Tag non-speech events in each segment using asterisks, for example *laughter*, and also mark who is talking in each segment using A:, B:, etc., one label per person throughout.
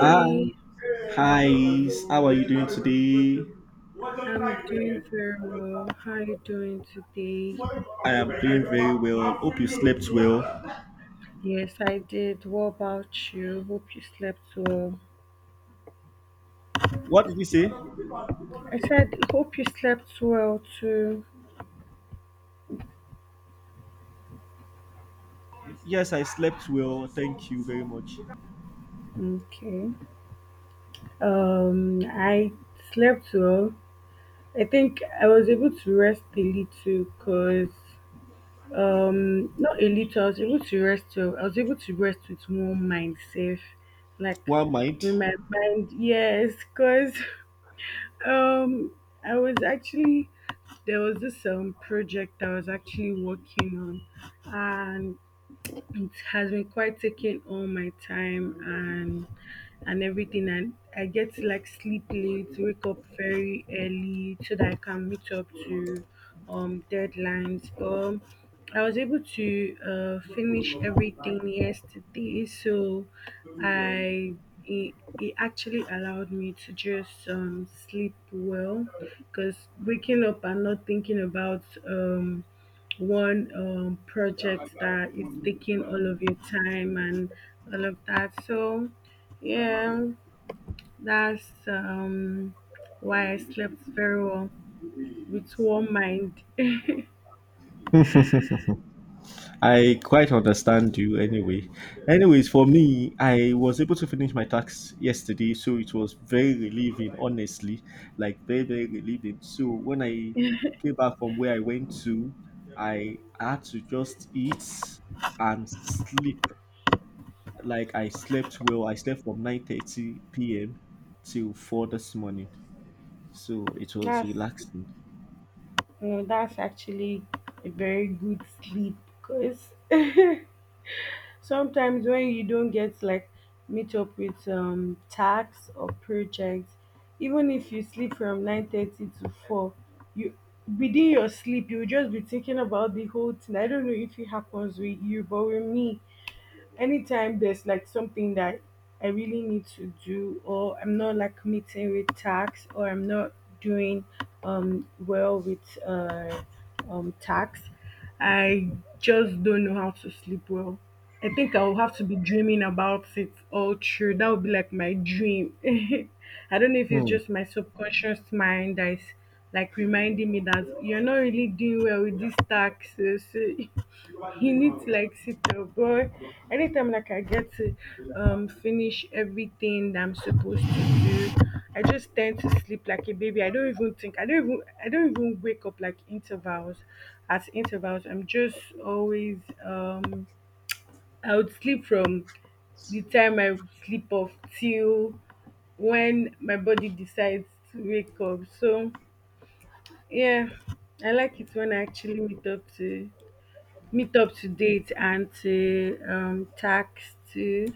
A: Hi, hi. How are you doing today?
B: I'm doing very well. How are you doing today?
A: I am doing very well. Hope you slept well.
B: Yes, I did. What about you? Hope you slept well.
A: What did you say?
B: I said, hope you slept well too.
A: Yes, I slept well. Thank you very much.
B: Okay. I slept well. I think I was able to rest a little because, not a little, I was able to rest well. I was able to rest with more mind safe. Like,
A: One
B: with
A: mind.
B: my mind, yes, because *laughs* Um, I was actually there was this project I was actually working on. It has been quite taking all my time and everything, and I get to like sleep late, wake up very early so that I can meet up to deadlines. I was able to finish everything yesterday, so i it, it actually allowed me to just sleep well because waking up and not thinking about one project that is taking all of your time and all of that. So, yeah, that's why I slept very well with one mind. *laughs*
A: I quite understand you anyway. Anyways, for me, I was able to finish my tax yesterday, so it was very relieving, honestly. Like, very, very relieving. So, when I came back from where I went to, I had to just eat and sleep. Like, I slept well. I slept from 9:30 p.m. till 4 this morning. So, it was
B: That's
A: relaxing.
B: that's actually a very good sleep because *laughs* sometimes when you don't get like meet up with tasks or projects, even if you sleep from 9:30 to 4, you within your sleep you will just be thinking about the whole thing. I don't know if it happens with you, but with me, anytime there's like something that I really need to do, or I'm not like meeting with tax, or I'm not doing well with tax, I just don't know how to sleep well. I think I'll have to be dreaming about it all through. That would be like my dream. *laughs* I don't know if it's
A: Hmm.
B: just my subconscious mind that is like reminding me that you're not really doing well with these taxes. *laughs* He needs like sit-up boy. Anytime like I get to finish everything that I'm supposed to do, I just tend to sleep like a baby. I don't even think I don't even wake up like intervals at intervals. I'm just always um I would sleep from the time I sleep off till when my body decides to wake up. So yeah, I like it when I actually meet up to date and to text too.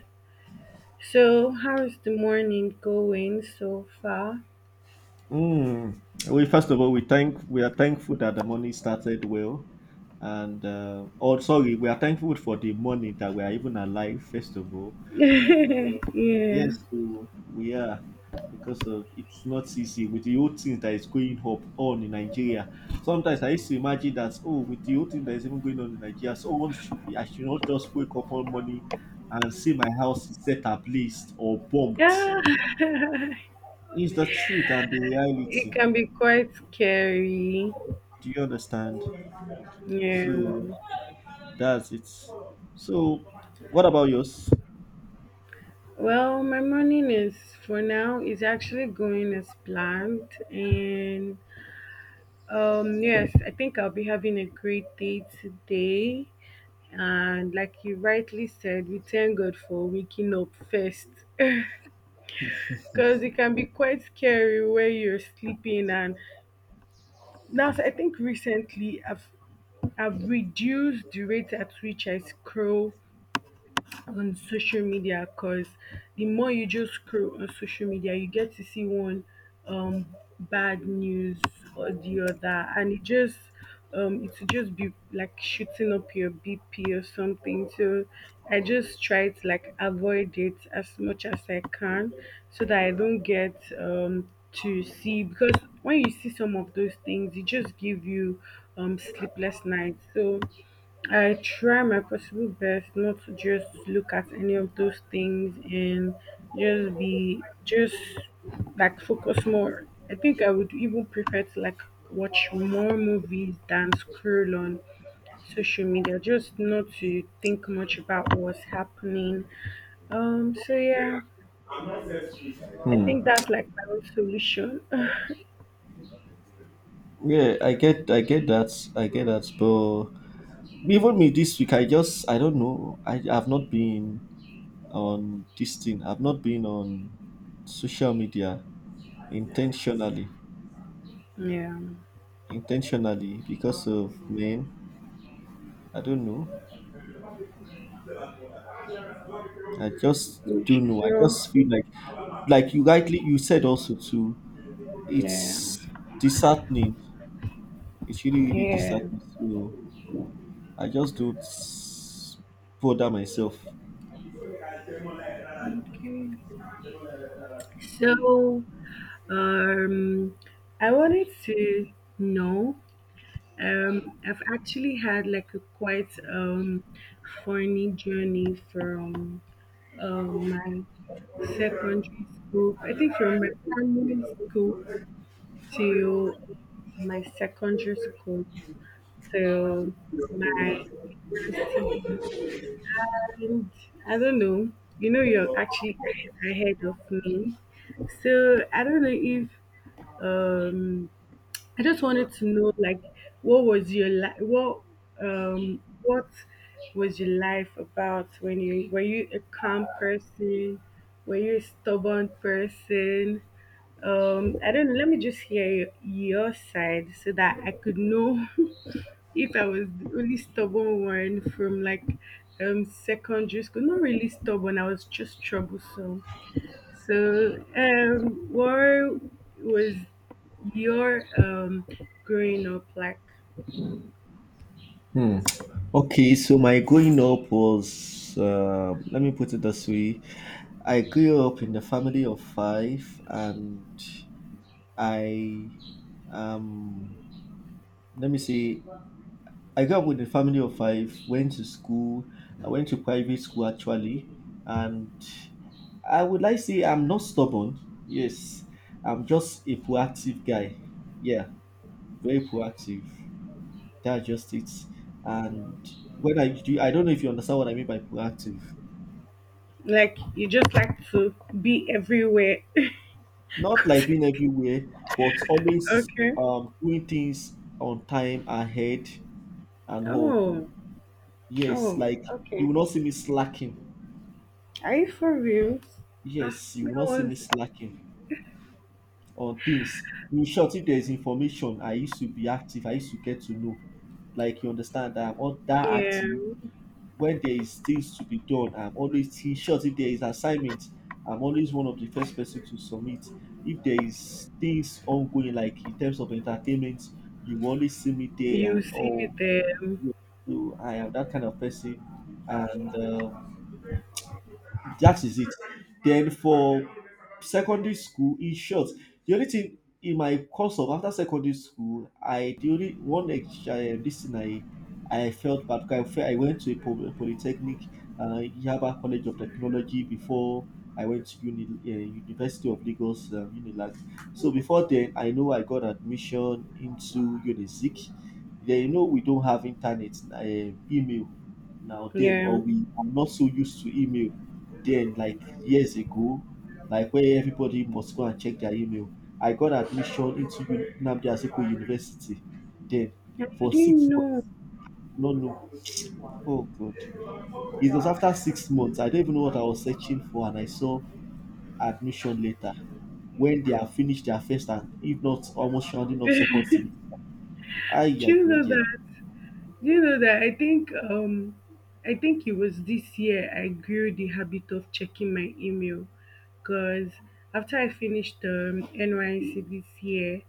B: So, how's the morning going so far?
A: Mm. We, first of all, we are thankful that the money started well, and oh, sorry, we are thankful for the money that we are even alive. First of all,
B: *laughs* Yeah.
A: yes, we are, because of it's not easy with the whole thing that is going up on in Nigeria. Sometimes I used to imagine that, oh, with the whole thing that is even going on in Nigeria, I should not just wake up on money and see my house is set ablaze or bombed.
B: Yeah. *laughs*
A: It's the truth and the
B: It
A: reality.
B: can be quite scary.
A: Do you understand?
B: Yeah.
A: So that's it. So what about yours?
B: Well, my morning is for now is actually going as planned, and yes, I think I'll be having a great day today. And like you rightly said, we thank God for waking up first, because it can be quite scary where you're sleeping and now. So I think recently I've reduced the rate at which I scroll on social media, because the more you just scroll on social media, you get to see one um, bad news or the other, and it just it will just be like shooting up your BP or something. So I just try to like avoid it as much as I can so that I don't get to see, because when you see some of those things, it just give you sleepless nights. So I try my possible best not to just look at any of those things and just be just like focus more. I think I would even prefer to like watch more movies than scroll on social media, just not to think much about what's happening. So yeah, I
A: Hmm.
B: think that's like my own solution. *sighs*
A: Yeah, I get that, I get that. But even me this week, I just, I don't know. I have not been on this thing. I've not been on social media intentionally,
B: Yeah.
A: intentionally because of men. I don't know. I just
B: We
A: don't know. I
B: should,
A: just feel like you said also too.
B: yeah.
A: It's disheartening. It's really, really
B: Yeah.
A: disheartening. So I just don't bother myself.
B: Okay. So Um, I wanted to know. I've actually had like a quite funny journey from my secondary school. I think from my primary school to my secondary school to my university, and I don't know. You know, you're actually ahead of me. So I don't know if um I just wanted to know, like, what was your life? What was your life about? When you were you a calm person? Were you a stubborn person? I don't know. Let me just hear your side so that I could know. *laughs* If I was the only stubborn one from like secondary school. Not really stubborn. I was just troublesome. So, what was your growing up like?
A: Hmm. Okay, so my growing up was, let me put it this way. I grew up in a family of five, and I, um, let me see, I grew up with a family of five, went to school. I went to private school, actually, and I would like to say I'm not stubborn. Yes, I'm just a proactive guy. Yeah, very proactive. That's just it. And when I do, I don't know if you understand what I mean by proactive.
B: Like you just like to be everywhere. *laughs*
A: Not
B: 'Cause-
A: like being everywhere, but always
B: okay.
A: doing things on time, ahead, and all.
B: Oh,
A: Yes,
B: oh.
A: like you will not see me slacking.
B: Are you for real? Ah,
A: Yes, you
B: that
A: will not see
B: was
A: me slacking on things. In short, if there is information, I used to be active. I used to get to know. Like you understand, that I'm not that
B: yeah.
A: active, when there is things to be done, I'm always in short. If there is assignment, I'm always one of the first person to submit. If there is things ongoing, like in terms of entertainment, you will always see me there
B: You
A: and
B: see
A: all.
B: them.
A: Yeah, so I am that kind of person, and that is it. Then for secondary school, in short, the only thing in my course of after secondary school, I the only one ex- this thing I felt bad because I felt I went to a polytechnic, Yaba College of Technology, before I went to University of Lagos, Unilag. So before then, I know I got admission into Unizik. Then, we don't have internet, email now
B: Yeah,
A: then, or
B: and
A: we are not so used to email then, like years ago, like where everybody must go and check their email. I got admission into Nnamdi Azikiwe University then
B: you
A: for six
B: didn't
A: months
B: know.
A: No, no. Oh, God. It was after 6 months. I don't even know what I was searching for, and I saw admission later when they have finished their first and if not almost rounding up second semester. Ay,
B: Do
A: ay,
B: you
A: ay,
B: know
A: ay.
B: that? Do you know that I think it was this year I grew the habit of checking my email, because after I finished NYC this year,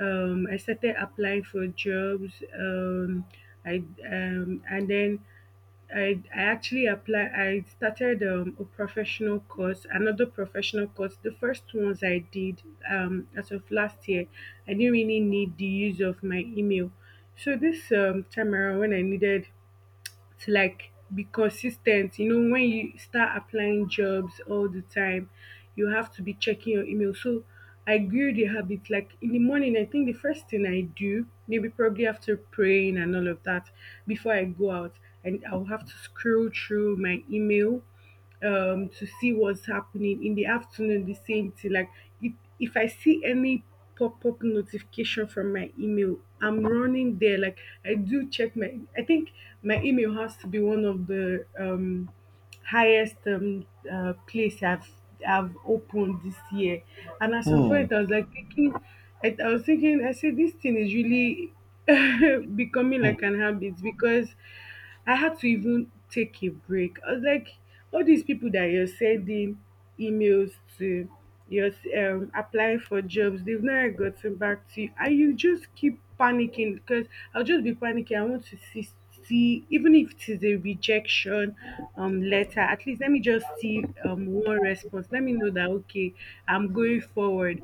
B: I started applying for jobs. I and then I actually apply. I started a professional course, another professional course. The first ones I did as of last year, I didn't really need the use of my email. So this time around, when I needed to like be consistent. You know, when you start applying jobs all the time, you have to be checking your email. So I grew the habit like in the morning, I think the first thing I do, maybe probably after praying and all of that, before I go out, and I'll have to scroll through my email to see what's happening. In the afternoon, the same thing. Like, if if I see any pop-up notification from my email, I'm running there. Like, I do check my I think my email has to be one of the highest place I've opened this year. And at some point I was like thinking, I was thinking, I said, this thing is really *laughs* becoming like
A: Hmm,
B: an habit, because I had to even take a break. I was like, all these people that you're sending emails to, you're applying for jobs, they've never gotten back to you, and you just keep panicking, because I'll just be panicking. I want to see, even if it is a rejection letter, at least let me just see one response. Let me know that okay, I'm going forward.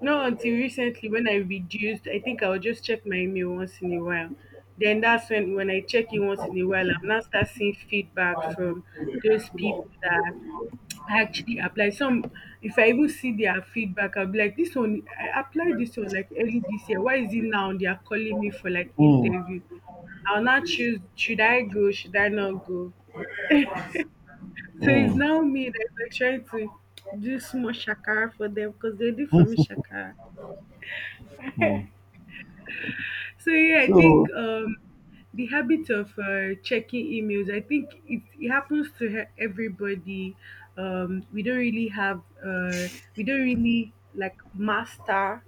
B: Not until recently when I reduced, I think I'll just check my email once in a while. Then that's when I check it once in a while, I'm now start seeing feedback from those people that actually apply. Some, if I even see their feedback, I'll be like, this one I applied this one like early this year. Why is it now they are calling me for like
A: hmm,
B: interview? I'll not choose, should I go, should I not go? So it's
A: hmm,
B: now me that we're trying to do small shakara for them, because they did for me
A: hmm,
B: shakara.
A: *laughs* hmm.
B: So yeah, I think
A: So,
B: the habit of checking emails, I think it happens to he- everybody. We don't really have, we don't really like master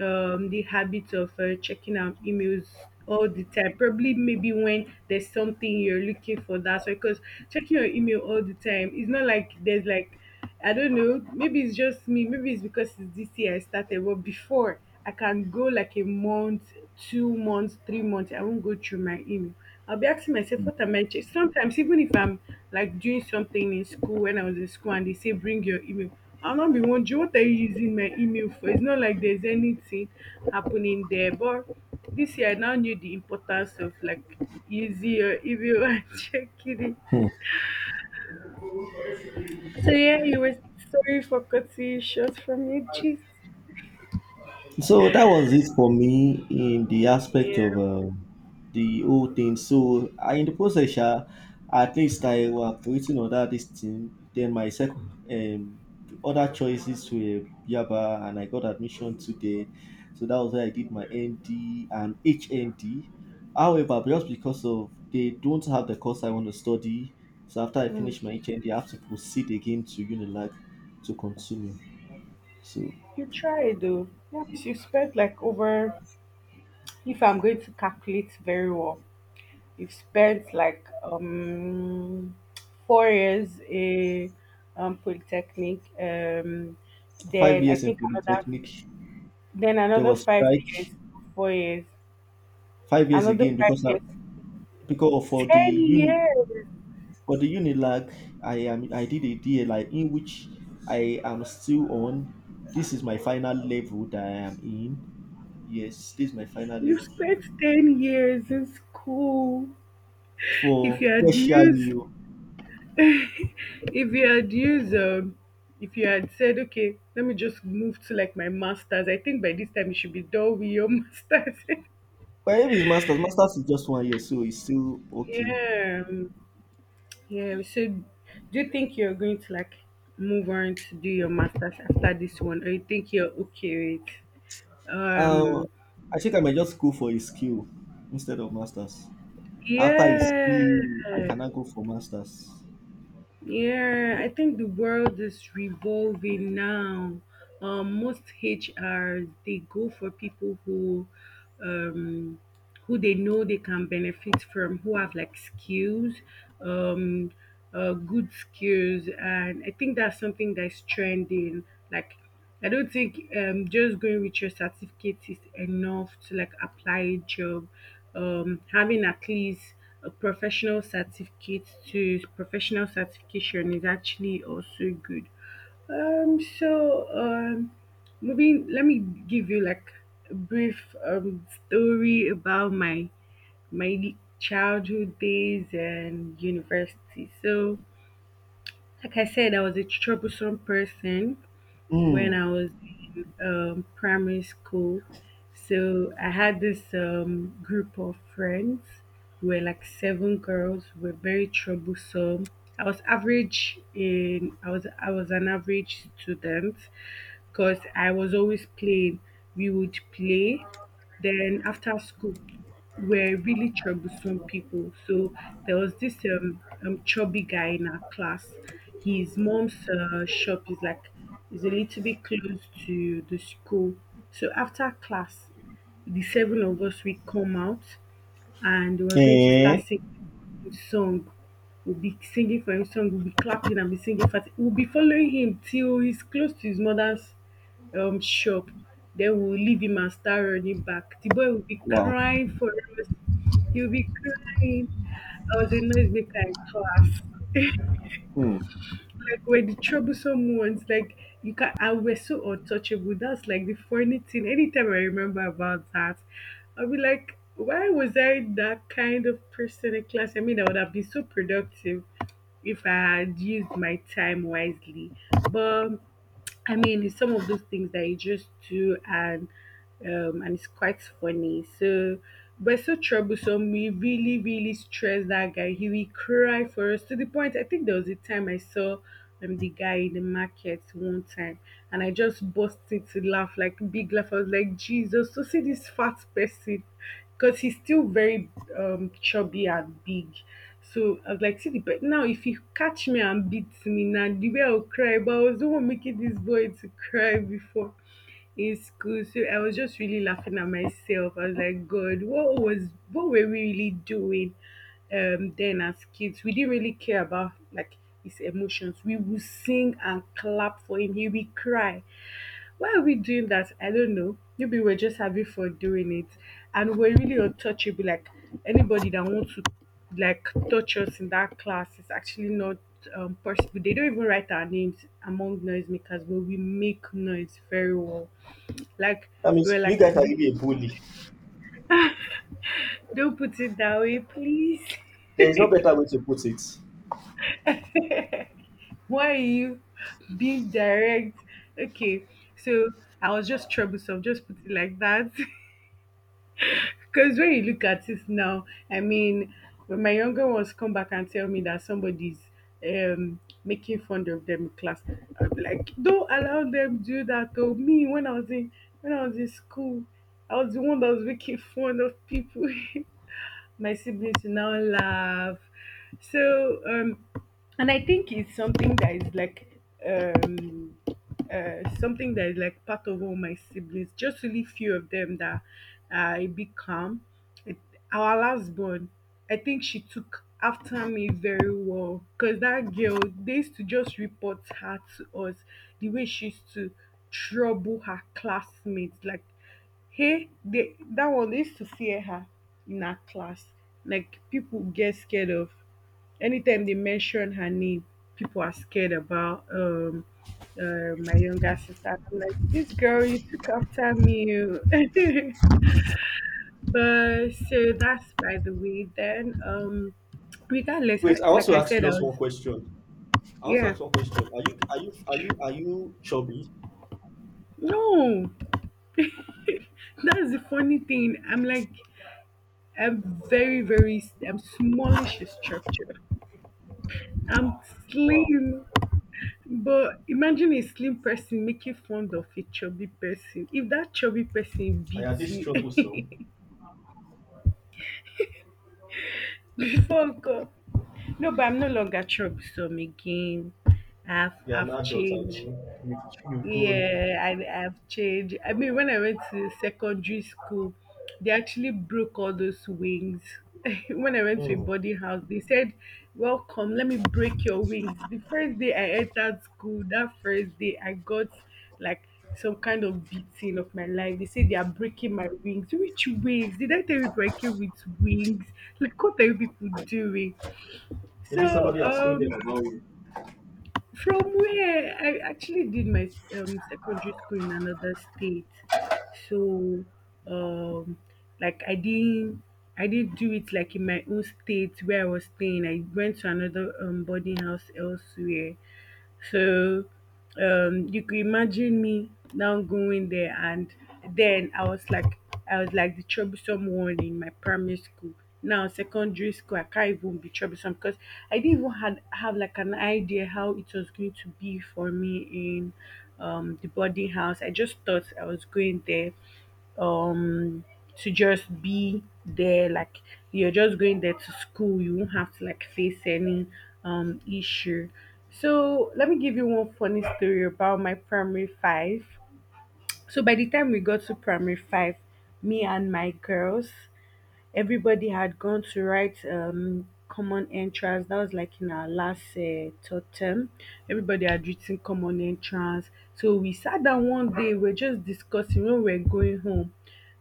B: the habit of checking our emails all the time. Probably maybe when there's something you're looking for, that's because checking your email all the time, it's not like there's like I don't know. Maybe it's just me. Maybe it's because it's this year I started. But before, I can go like a month, 2 months, 3 months. I won't go through my email. I'll be asking myself, what am I? Che- Sometimes, even if I'm like doing something in school, when I was in school and they say, bring your email, I'll not be wondering, what are you using my email for? It's not like there's anything happening there. But this year, I now knew the importance of like using your email *laughs* and checking it.
A: hmm.
B: So yeah, you were sorry for cutting you short from your gist.
A: So that was it for me in the aspect of
B: Yeah.
A: the whole thing. So I, in the process, at least I was waiting on that this thing. Then my second um, other choices were Yaba, and I got admission today. So that was where I did my ND and HND. However, just because of they don't have the course I want to study, so after I
B: Mm.
A: finish my HND, I have to proceed again to Unilag to continue. So.
B: You tried though. That means you spent like over, if I'm going to calculate very well, you've spent like 4 years in polytechnic.
A: five
B: Then I
A: years in
B: think another
A: polytechnic,
B: then
A: there
B: another
A: was
B: 5 years,
A: strike,
B: 4 years,
A: 5 years
B: another
A: again
B: five
A: because I,
B: years,
A: because
B: ten years.
A: for the Unilag I did a DA, like, in which I am still on. This is my final level that I am in. Yes, this is my final
B: You
A: level
B: spent 10 years in school.
A: for
B: If you had
A: tertiary
B: used
A: o.
B: if you had used if you had said okay let me just move to like my masters, I think by this time you should be done with your *laughs* masters.
A: But if it's masters, masters is just 1 year, so it's still okay.
B: Yeah. Yeah, so do you think you're going to like move on to do your masters after this one, or you think you're okay with
A: um
B: um
A: I think I might just go for a skill instead of masters. After a
B: yeah
A: skill I cannot go for masters.
B: yeah. I think the world is revolving now. Most HRs they go for people um who they know they can benefit from, who have like skills, um, good skills, and I think that's something that's trending. Like, I don't think just going with your certificate is enough to like apply a job. Having at least a professional certificate to professional certification is actually also good, so maybe let me give you like a brief story about my childhood days and university. So, like I said, I was a troublesome person when I
A: Hmm.
B: was in primary school. So I had this group of friends. We were like seven girls. We were very troublesome. I was an average student, 'cause I was always playing. We would play, then after school, we're really troublesome people. So there was this chubby guy in our class. His mom's shop is a little bit close to the school. So after class, the seven of us we come out and we're going to start
A: Eh,
B: singing song. We'll be singing for him song. We'll be clapping and be singing for him. We'll be following him till he's close to his mother's shop. Then we'll leave him and start running back. The boy will be
A: wow.
B: crying for us. He'll be crying. I was a noisemaker in class,
A: Hmm.
B: like we're the troublesome ones. Like you can, and we're so untouchable. That's like the funny thing. Anytime I remember about that, I'll be like, why was I that kind of person in class? I mean, I would have been so productive if I had used my time wisely. But I mean, it's some of those things that you just do, and it's quite funny. So, but it's so troublesome. We really, really stress that guy. He will cry for us to the point. I think there was a time I saw the guy in the market one time, and I just busted to laugh like big laugh. I was like, Jesus! So see this fat person, because he's still very chubby and big. So I was like, now if he catch me and beat me now, the way I'll cry. But I was the one making this boy to cry before in school. So I was just really laughing at myself. I was like, God, what were we really doing then as kids? We didn't really care about like his emotions. We would sing and clap for him. He would cry. Why are we doing that? I don't know. Maybe we're just having fun doing it. And we're really untouchable. Like anybody that wants to like touch us in that class is actually not possible. They don't even write our names among noisemakers, but we make noise very well. Like
A: That means
B: we're
A: you
B: like
A: guys are really a bully.
B: Don't put it that way, please.
A: There is no better way to put it.
B: *laughs* Why are you being direct? Okay. So I was just troublesome, just put it like that. *laughs* Because when you look at it now, I mean, when my younger ones come back and tell me that somebody's making fun of them in class, I'm like, don't allow them do that. To me, when I was in school, I was the one that was making fun of people. *laughs* My siblings will now laugh. So, and I think it's something that is like, um, something that is like part of all my siblings. Just really few of them that are a bit calm. It, our last born, I think she took after me very well, because that girl, they used to just report her to us the way she used to trouble her classmates. Like, hey, they, that one they used to fear her in her class. Like people get scared of, anytime they mention her name, people are scared about my younger sister. I'm like, this girl, you took after me, oh. *laughs* But that's by the way. Then regardless,
A: Wait, I want
B: like
A: to
B: I
A: ask
B: said,
A: you
B: I
A: just
B: was,
A: one question. I want to
B: yeah.
A: ask one question. Are you chubby?
B: No, that's the funny thing. I'm very very I'm smallish in structure. I'm
A: Wow.
B: slim, but imagine a slim person making fun of a chubby person. If that chubby person
A: I Are you
B: beats
A: this
B: you,
A: troublesome?
B: *laughs* before God. No, but I'm no longer chubby some again. I've
A: You're an
B: I've
A: adult, are
B: changed.
A: you? You grown.
B: Yeah, I've changed. I mean, when I went to secondary school, they actually broke all those wings. *laughs* When I went to a
A: Hmm.
B: boarding house, they said, "Welcome, let me break your wings." The first day I entered school, that first day I got like some kind of beating of my life. They said they are breaking my wings. Which wings? Did I tell you breaking with wings? Like what are you people doing?
A: Maybe
B: So
A: somebody has told them
B: um
A: about you.
B: from where I actually did my secondary school in another state, so um, like I didn't do it like in my own state where I was staying. I went to another boarding house elsewhere, so, you could imagine me now going there, and then I was like the troublesome one in my primary school. Now secondary school, I can't even be troublesome because I didn't even had have like an idea how it was going to be for me in the boarding house. I just thought I was going there um to just be there, like you're just going there to school, you won't have to like face any issue. So let me give you one funny story about my primary five. So by the time we got to primary five, me and my girls, everybody had gone to write common entrance. That was like in our last third term. Everybody had written common entrance. So we sat down one day, we are just discussing when we are going home.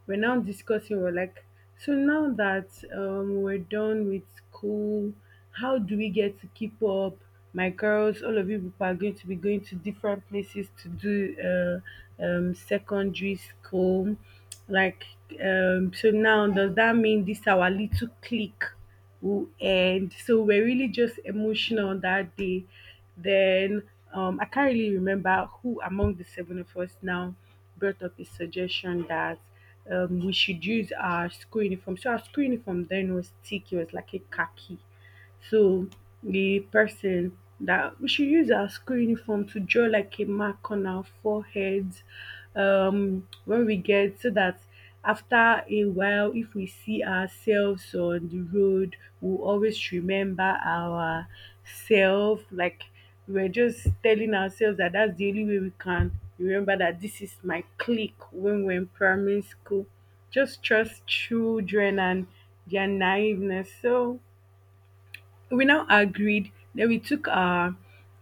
B: We're now discussing, we're like, so now that we're done with school, how do we get to keep up? My girls, all of you people are going to be going to different places to do secondary school, like, so now does that mean this our little clique will end? So we're really just emotional that day. Then I can't really remember who among the seven of us now brought up a suggestion that we should use our school uniform. So our school uniform then was thick; it was like a khaki. So the person that, we should use our school uniform to draw like a mark on our foreheads when we get, so that after a while if we see ourselves on the road we'll always remember our self. Like, we're just telling ourselves that that's the only way we can remember that this is my clique when we're in primary school. Just trust children and their naiveness. So we now agreed, then we took our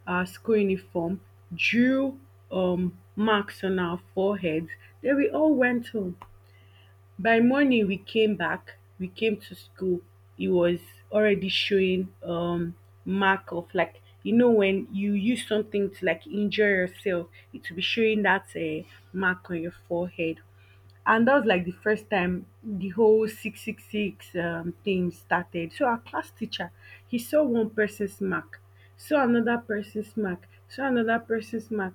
B: our school uniform, drew marks on our foreheads, then we all went home. By morning we came back, we came to school. It was already showing mark of, like, you know when you use something to like injure yourself, it will be showing that mark on your forehead. And that was like the first time the whole 666 thing started. So our class teacher, he saw one person's mark, saw another person's mark, saw another person's mark,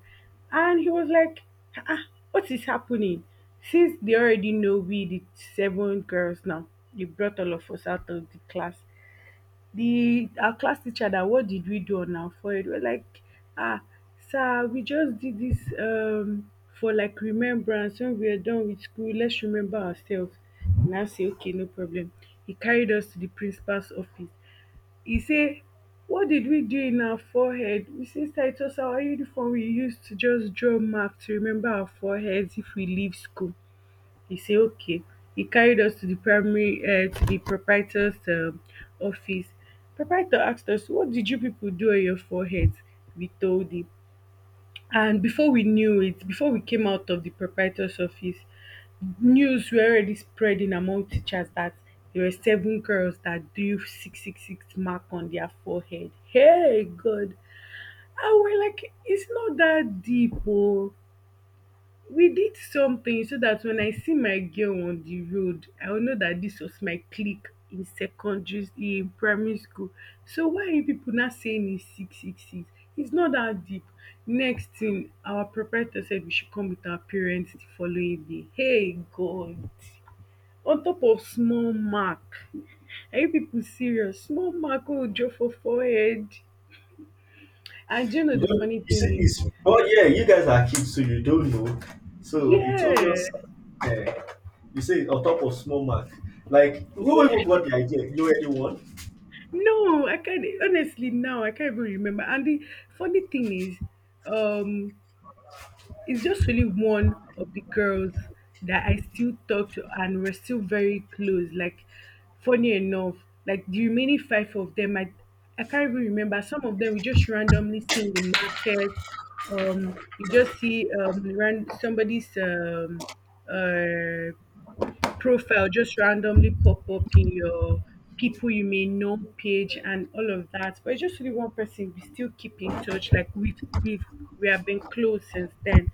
B: and he was like, ah, what is happening? Since they already know we the seven girls now, they brought all of us out of the class. The our class teacher, that what did we do on our forehead? We're like, ah, sir, we just did this for like remembrance when we are done with school. Let's remember ourselves. And I say, okay, no problem. He carried us to the principal's office. He say, what did we do in our forehead? We say, sir, it was our uniform we used to just draw map to remember our foreheads if we leave school. He said, okay. He carried us to the proprietor's office. Proprietor asked us, what did you people do on your foreheads? We told him. And before we knew it, before we came out of the proprietor's office, news were already spreading among teachers that there were seven girls that drew 666 mark on their forehead. Hey, God. And we're like, it's not that deep. Oh, we did something so that when I see my girl on the road, I will know that this was my clique in primary school. So why are you people not saying it's 666? It's not that deep. Next thing, our proprietor said we should come with our parents the following day. Hey God! On top of small mark, are you people serious? Small mark will draw for forehead. And do you know
A: You
B: the
A: don't,
B: funny
A: you
B: thing
A: see,
B: is,
A: it's, oh, yeah, you guys are kids, so you don't know. So it's
B: yeah,
A: obvious. Yeah. You say on top of small mark. Like, who
B: yeah.
A: even got the idea? You already won.
B: No, I can't even remember. And the funny thing is, um, it's just really one of the girls that I still talk to and we're still very close. Like, funny enough, like the remaining five of them, I can't even remember. Some of them we just randomly see in the market. You just see ran somebody's uh profile just randomly pop up in your people you may know page and all of that. But it's just really one person. We still keep in touch. Like we have been close since then.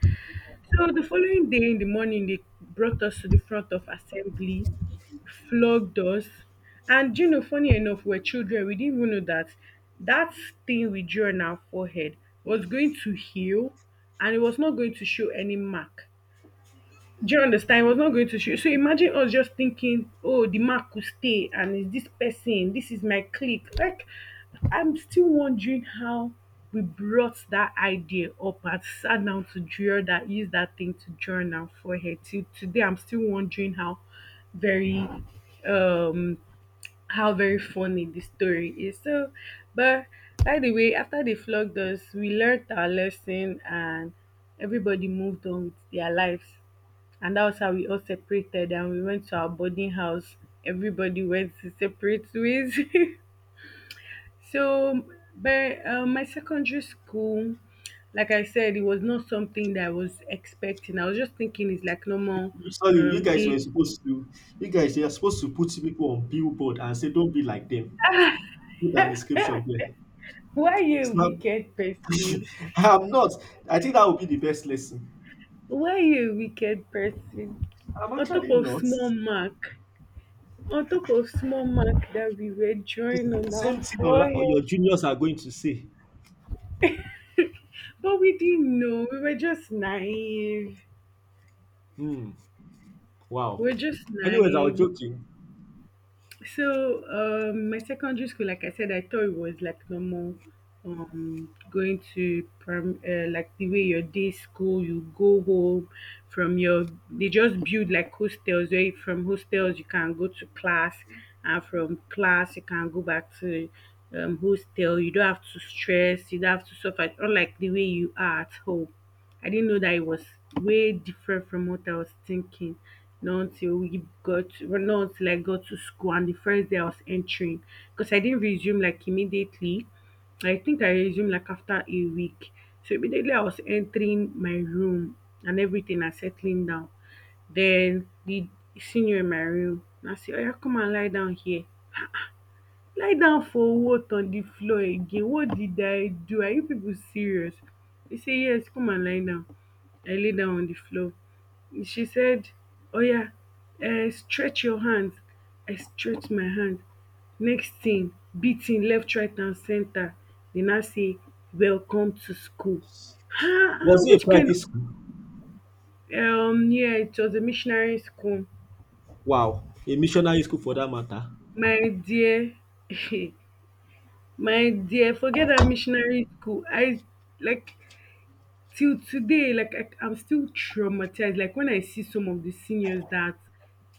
B: So the following day in the morning, they brought us to the front of assembly, flogged us, and funny enough, we're children. We didn't even know that that thing we drew on our forehead was going to heal, and it was not going to show any mark. Do you understand? He was not going to shoot. So imagine us just thinking, oh, the man could stay and is this person, this is my clique. Like, I'm still wondering how we brought that idea up and sat down to draw that, use that thing to journal for her. Till today, I'm still wondering very, um, how very funny the story is. But by the way, after they flogged us, we learned our lesson, and everybody moved on with their lives, and that was how we all separated and we went to our boarding house. Everybody went to separate ways. *laughs* so, but My secondary school, like I said, it was not something that I was expecting. I was just thinking it's like normal
A: Sorry, you guys were
B: days.
A: supposed to. You guys are supposed to put people on billboard and say, "Don't be like them." Put an
B: Eh,
A: inscription there.
B: *laughs* why are you a
A: It's not.
B: wicked person?
A: I'm not. I think that would be the best lesson.
B: Why are you a wicked person?
A: I'm
B: On top
A: actually
B: of
A: not.
B: small mark, on top of small mark that we were
A: The
B: drawing on
A: s-
B: our
A: same thing, or,
B: forehead.
A: your juniors are going to say.
B: But we didn't know. We were just naive.
A: Hmm. Wow.
B: We're just
A: Anyways, I was
B: naive.
A: joking.
B: So, my secondary school, like I said, I thought it was like normal going to prim like the way your day school you go home from your they just build like hostels from hostels you can go to class, and from class you can go back to hostel. You don't have to stress, you don't have to suffer, unlike the way you are at home. I didn't know that it was way different from what I was thinking, not until we got well, not until I got to school. And the first day I was entering, because I didn't resume like immediately, I think I resumed like after a week. So immediately I was entering my room and everything and settling down. Then the senior in my room, and I say, oh yeah, come and lie down here, lie down for what? On the floor again? What did I do? Are you people serious? He said yes, come and lie down. I lay down on the floor. She said, oh yeah, stretch your hands. I stretched my hand. Next thing, beating left, right and center. Then I say, welcome to school. Ah ah,
A: Was it a
B: which kind
A: private school?
B: of, yeah, it was a missionary school.
A: Wow. A missionary school for that matter.
B: My dear. *laughs* My dear, forget that missionary school. I like Till today, like I'm still traumatized. Like when I see some of the seniors that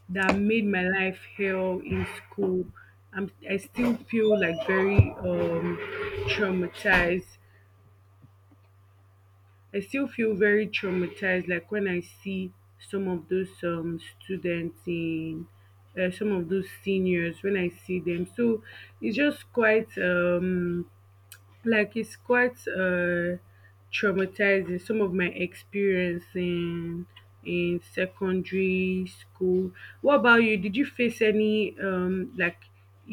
B: that made my life hell in school, I still feel like very traumatized. I still feel very traumatized. Like when I see some of those students in some of those seniors when I see them. So it's just quite like, it's quite, traumatizing. Some of my experience in secondary school. What about you? Did you face any like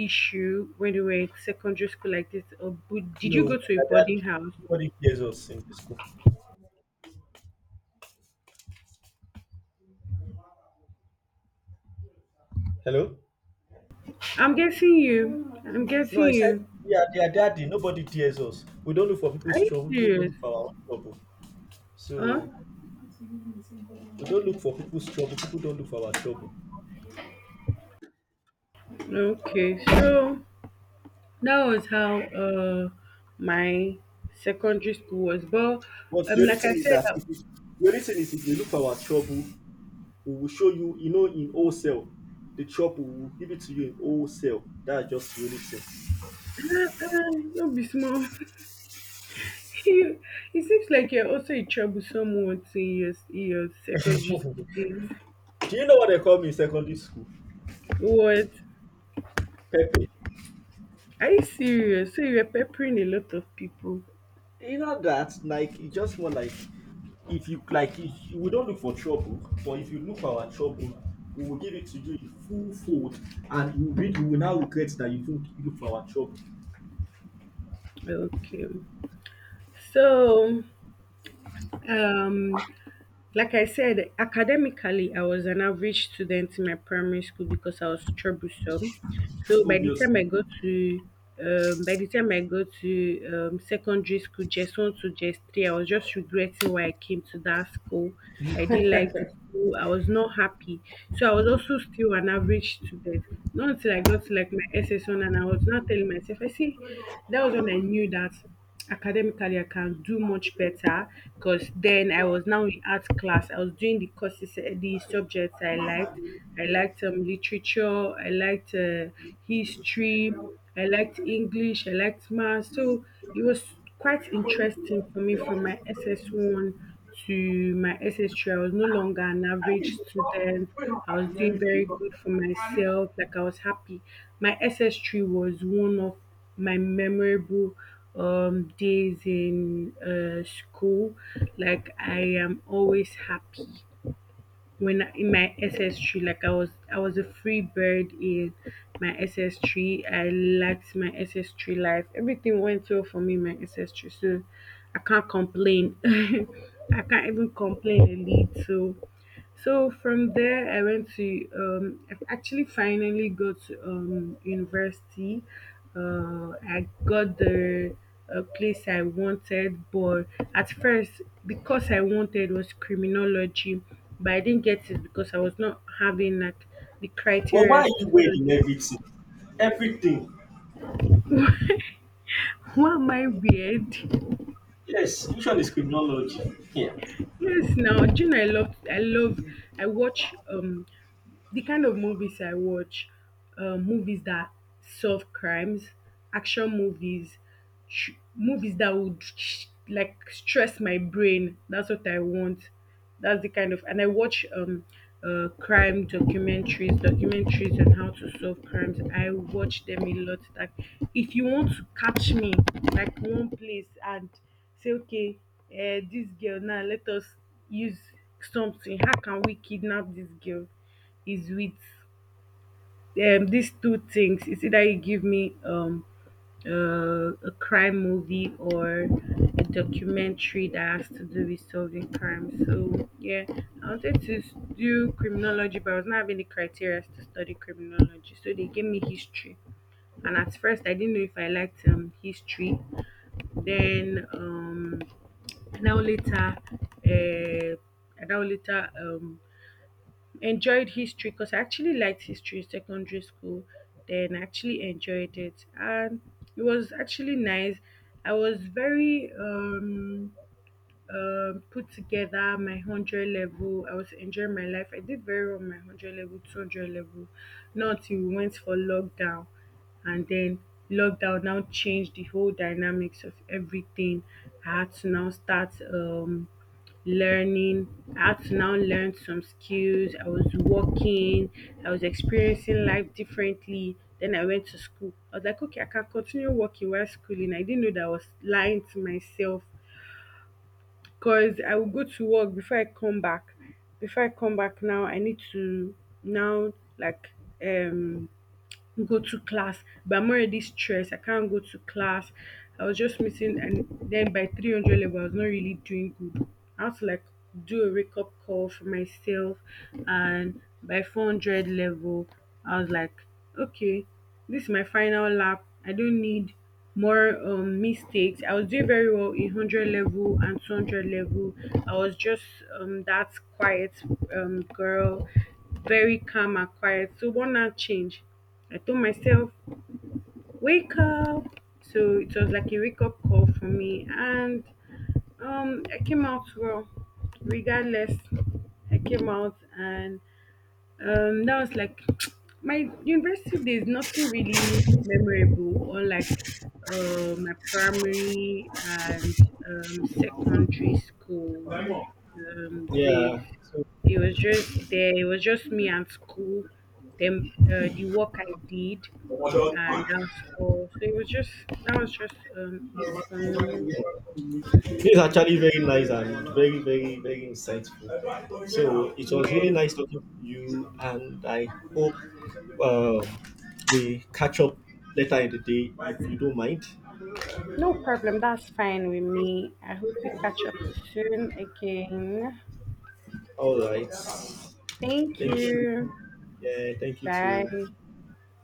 B: issue when you were in secondary school like this? Or did you
A: No.
B: go to a boarding house?
A: Nobody cares us in the school. Hello.
B: I'm guessing you. I'm
A: No,
B: guessing
A: I said
B: you.
A: we are their daddy. Nobody tears us. We don't look for
B: Are
A: people's
B: you
A: trouble. People don't
B: serious?
A: look for our own trouble.
B: Huh?
A: So we don't look for people's trouble. People don't look for our trouble.
B: Okay. So that was how my secondary school was. But
A: But
B: like I said,
A: the only thing is if you look for our trouble, we will show you. In wholesale, the trouble we will give it to you in wholesale. That's just the only
B: don't be small. *laughs* *laughs* You, it seems like you're also a troublesome one in your secondary school
A: thing.
B: days.
A: *laughs* Do you know what they call me in secondary school?
B: What?
A: Pepe.
B: Are you serious? So you're peppering a lot of people.
A: You know that, like, it's just more like, if you like, if we don't look for trouble, but if you look for our trouble, we will give it to you in full fold, and you will now regret that you think you look for our trouble.
B: Okay. So, um, like I said, academically, I was an average student in my primary school because I was troublesome. So by the time
A: Obviously.
B: I go to by the time I go to secondary school, just one to just three, I was just regretting why I came to that school. I didn't like the school. I was not happy. So I was also still an average student. Not until I got to like my SS1 and I was not telling myself, I see, that was when I knew that academically I can do much better, because then I was now in art class. I was doing the courses, the subjects I liked. I liked literature. I liked history. I liked English. I liked math. So it was quite interesting for me from my SS1 to my SS3. I was no longer an average student. I was doing very good for myself. Like I was happy. My SS3 was one of my memorable days in school. Like I am always happy in my SS3. Like I was a free bird in my SS3. I liked my SS3 life. Everything went well for me in my SS3. So I can't complain. *laughs* I can't even complain a little. So from there, I actually finally go to university. I got the place I wanted, but at first, because I wanted was criminology, but I didn't get it because I was not having like the
A: But why
B: criteria
A: are
B: to
A: you wearing
B: study.
A: everything, everything?
B: Why am I weird? *laughs*
A: Yes. Which one is criminology? Yeah.
B: Yes, now June. I love. I love. I watch the kind of movies movies that solve crimes, action movies, movies that would like stress my brain. That's what I want. That's the kind of and I watch crime documentaries, documentaries on how to solve crimes. I watch them a lot. Like if you want to catch me like one place and say okay, this girl now, let us use something. How can we kidnap this girl? Is with these two things. It's either you give me a crime movie or a documentary that has to do with solving crime. So yeah, I wanted to do criminology, but I was not having the criteria to study criminology. So they gave me history, and at first I didn't know if I liked history. Then um, now later, Now later enjoyed history because I actually liked history in secondary school. Then I actually enjoyed it, and it was actually nice. I was very put together my 100 level. I was enjoying my life. I did very well on my 100 level, 200 level. Not till we went for lockdown. And then lockdown now changed the whole dynamics of everything. I had to now start learning. I had to now learn some skills. I was working. I was experiencing life differently. Then I went to school. I was like, okay, I can continue working while schooling. I didn't know that I was lying to myself, cause I will go to work before I come back. Before I come back now, I need to now like um go to class, but I'm already stressed. I can't go to class. I was just missing, and then by 300 level, I was not really doing good. I had to like do a wake up call for myself, and by 400 level, I was like, okay, this is my final lap. I don't need more mistakes. I was doing very well in 100 level and 200 level. I was just that quiet girl, very calm and quiet. So, one now change. I told myself, wake up. So it was like a wake up call for me. And I came out well, regardless. I came out, and that was like *tsk* my university days, nothing really memorable or like my primary and secondary school
A: Yeah.
B: days.
A: So
B: It was just there, it was just me and school, then the work I did, and that's all. So it was just that was just it for me.
A: this is actually very nice and very, very, very insightful. So it was really
B: Yeah,
A: nice talking to you, and I hope, um, we catch up later in the day, if you don't mind.
B: no problem, that's fine with me. I hope we catch up soon again.
A: All right.
B: Thank
A: Thank you.
B: you.
A: Yeah, thank you too.
B: Bye.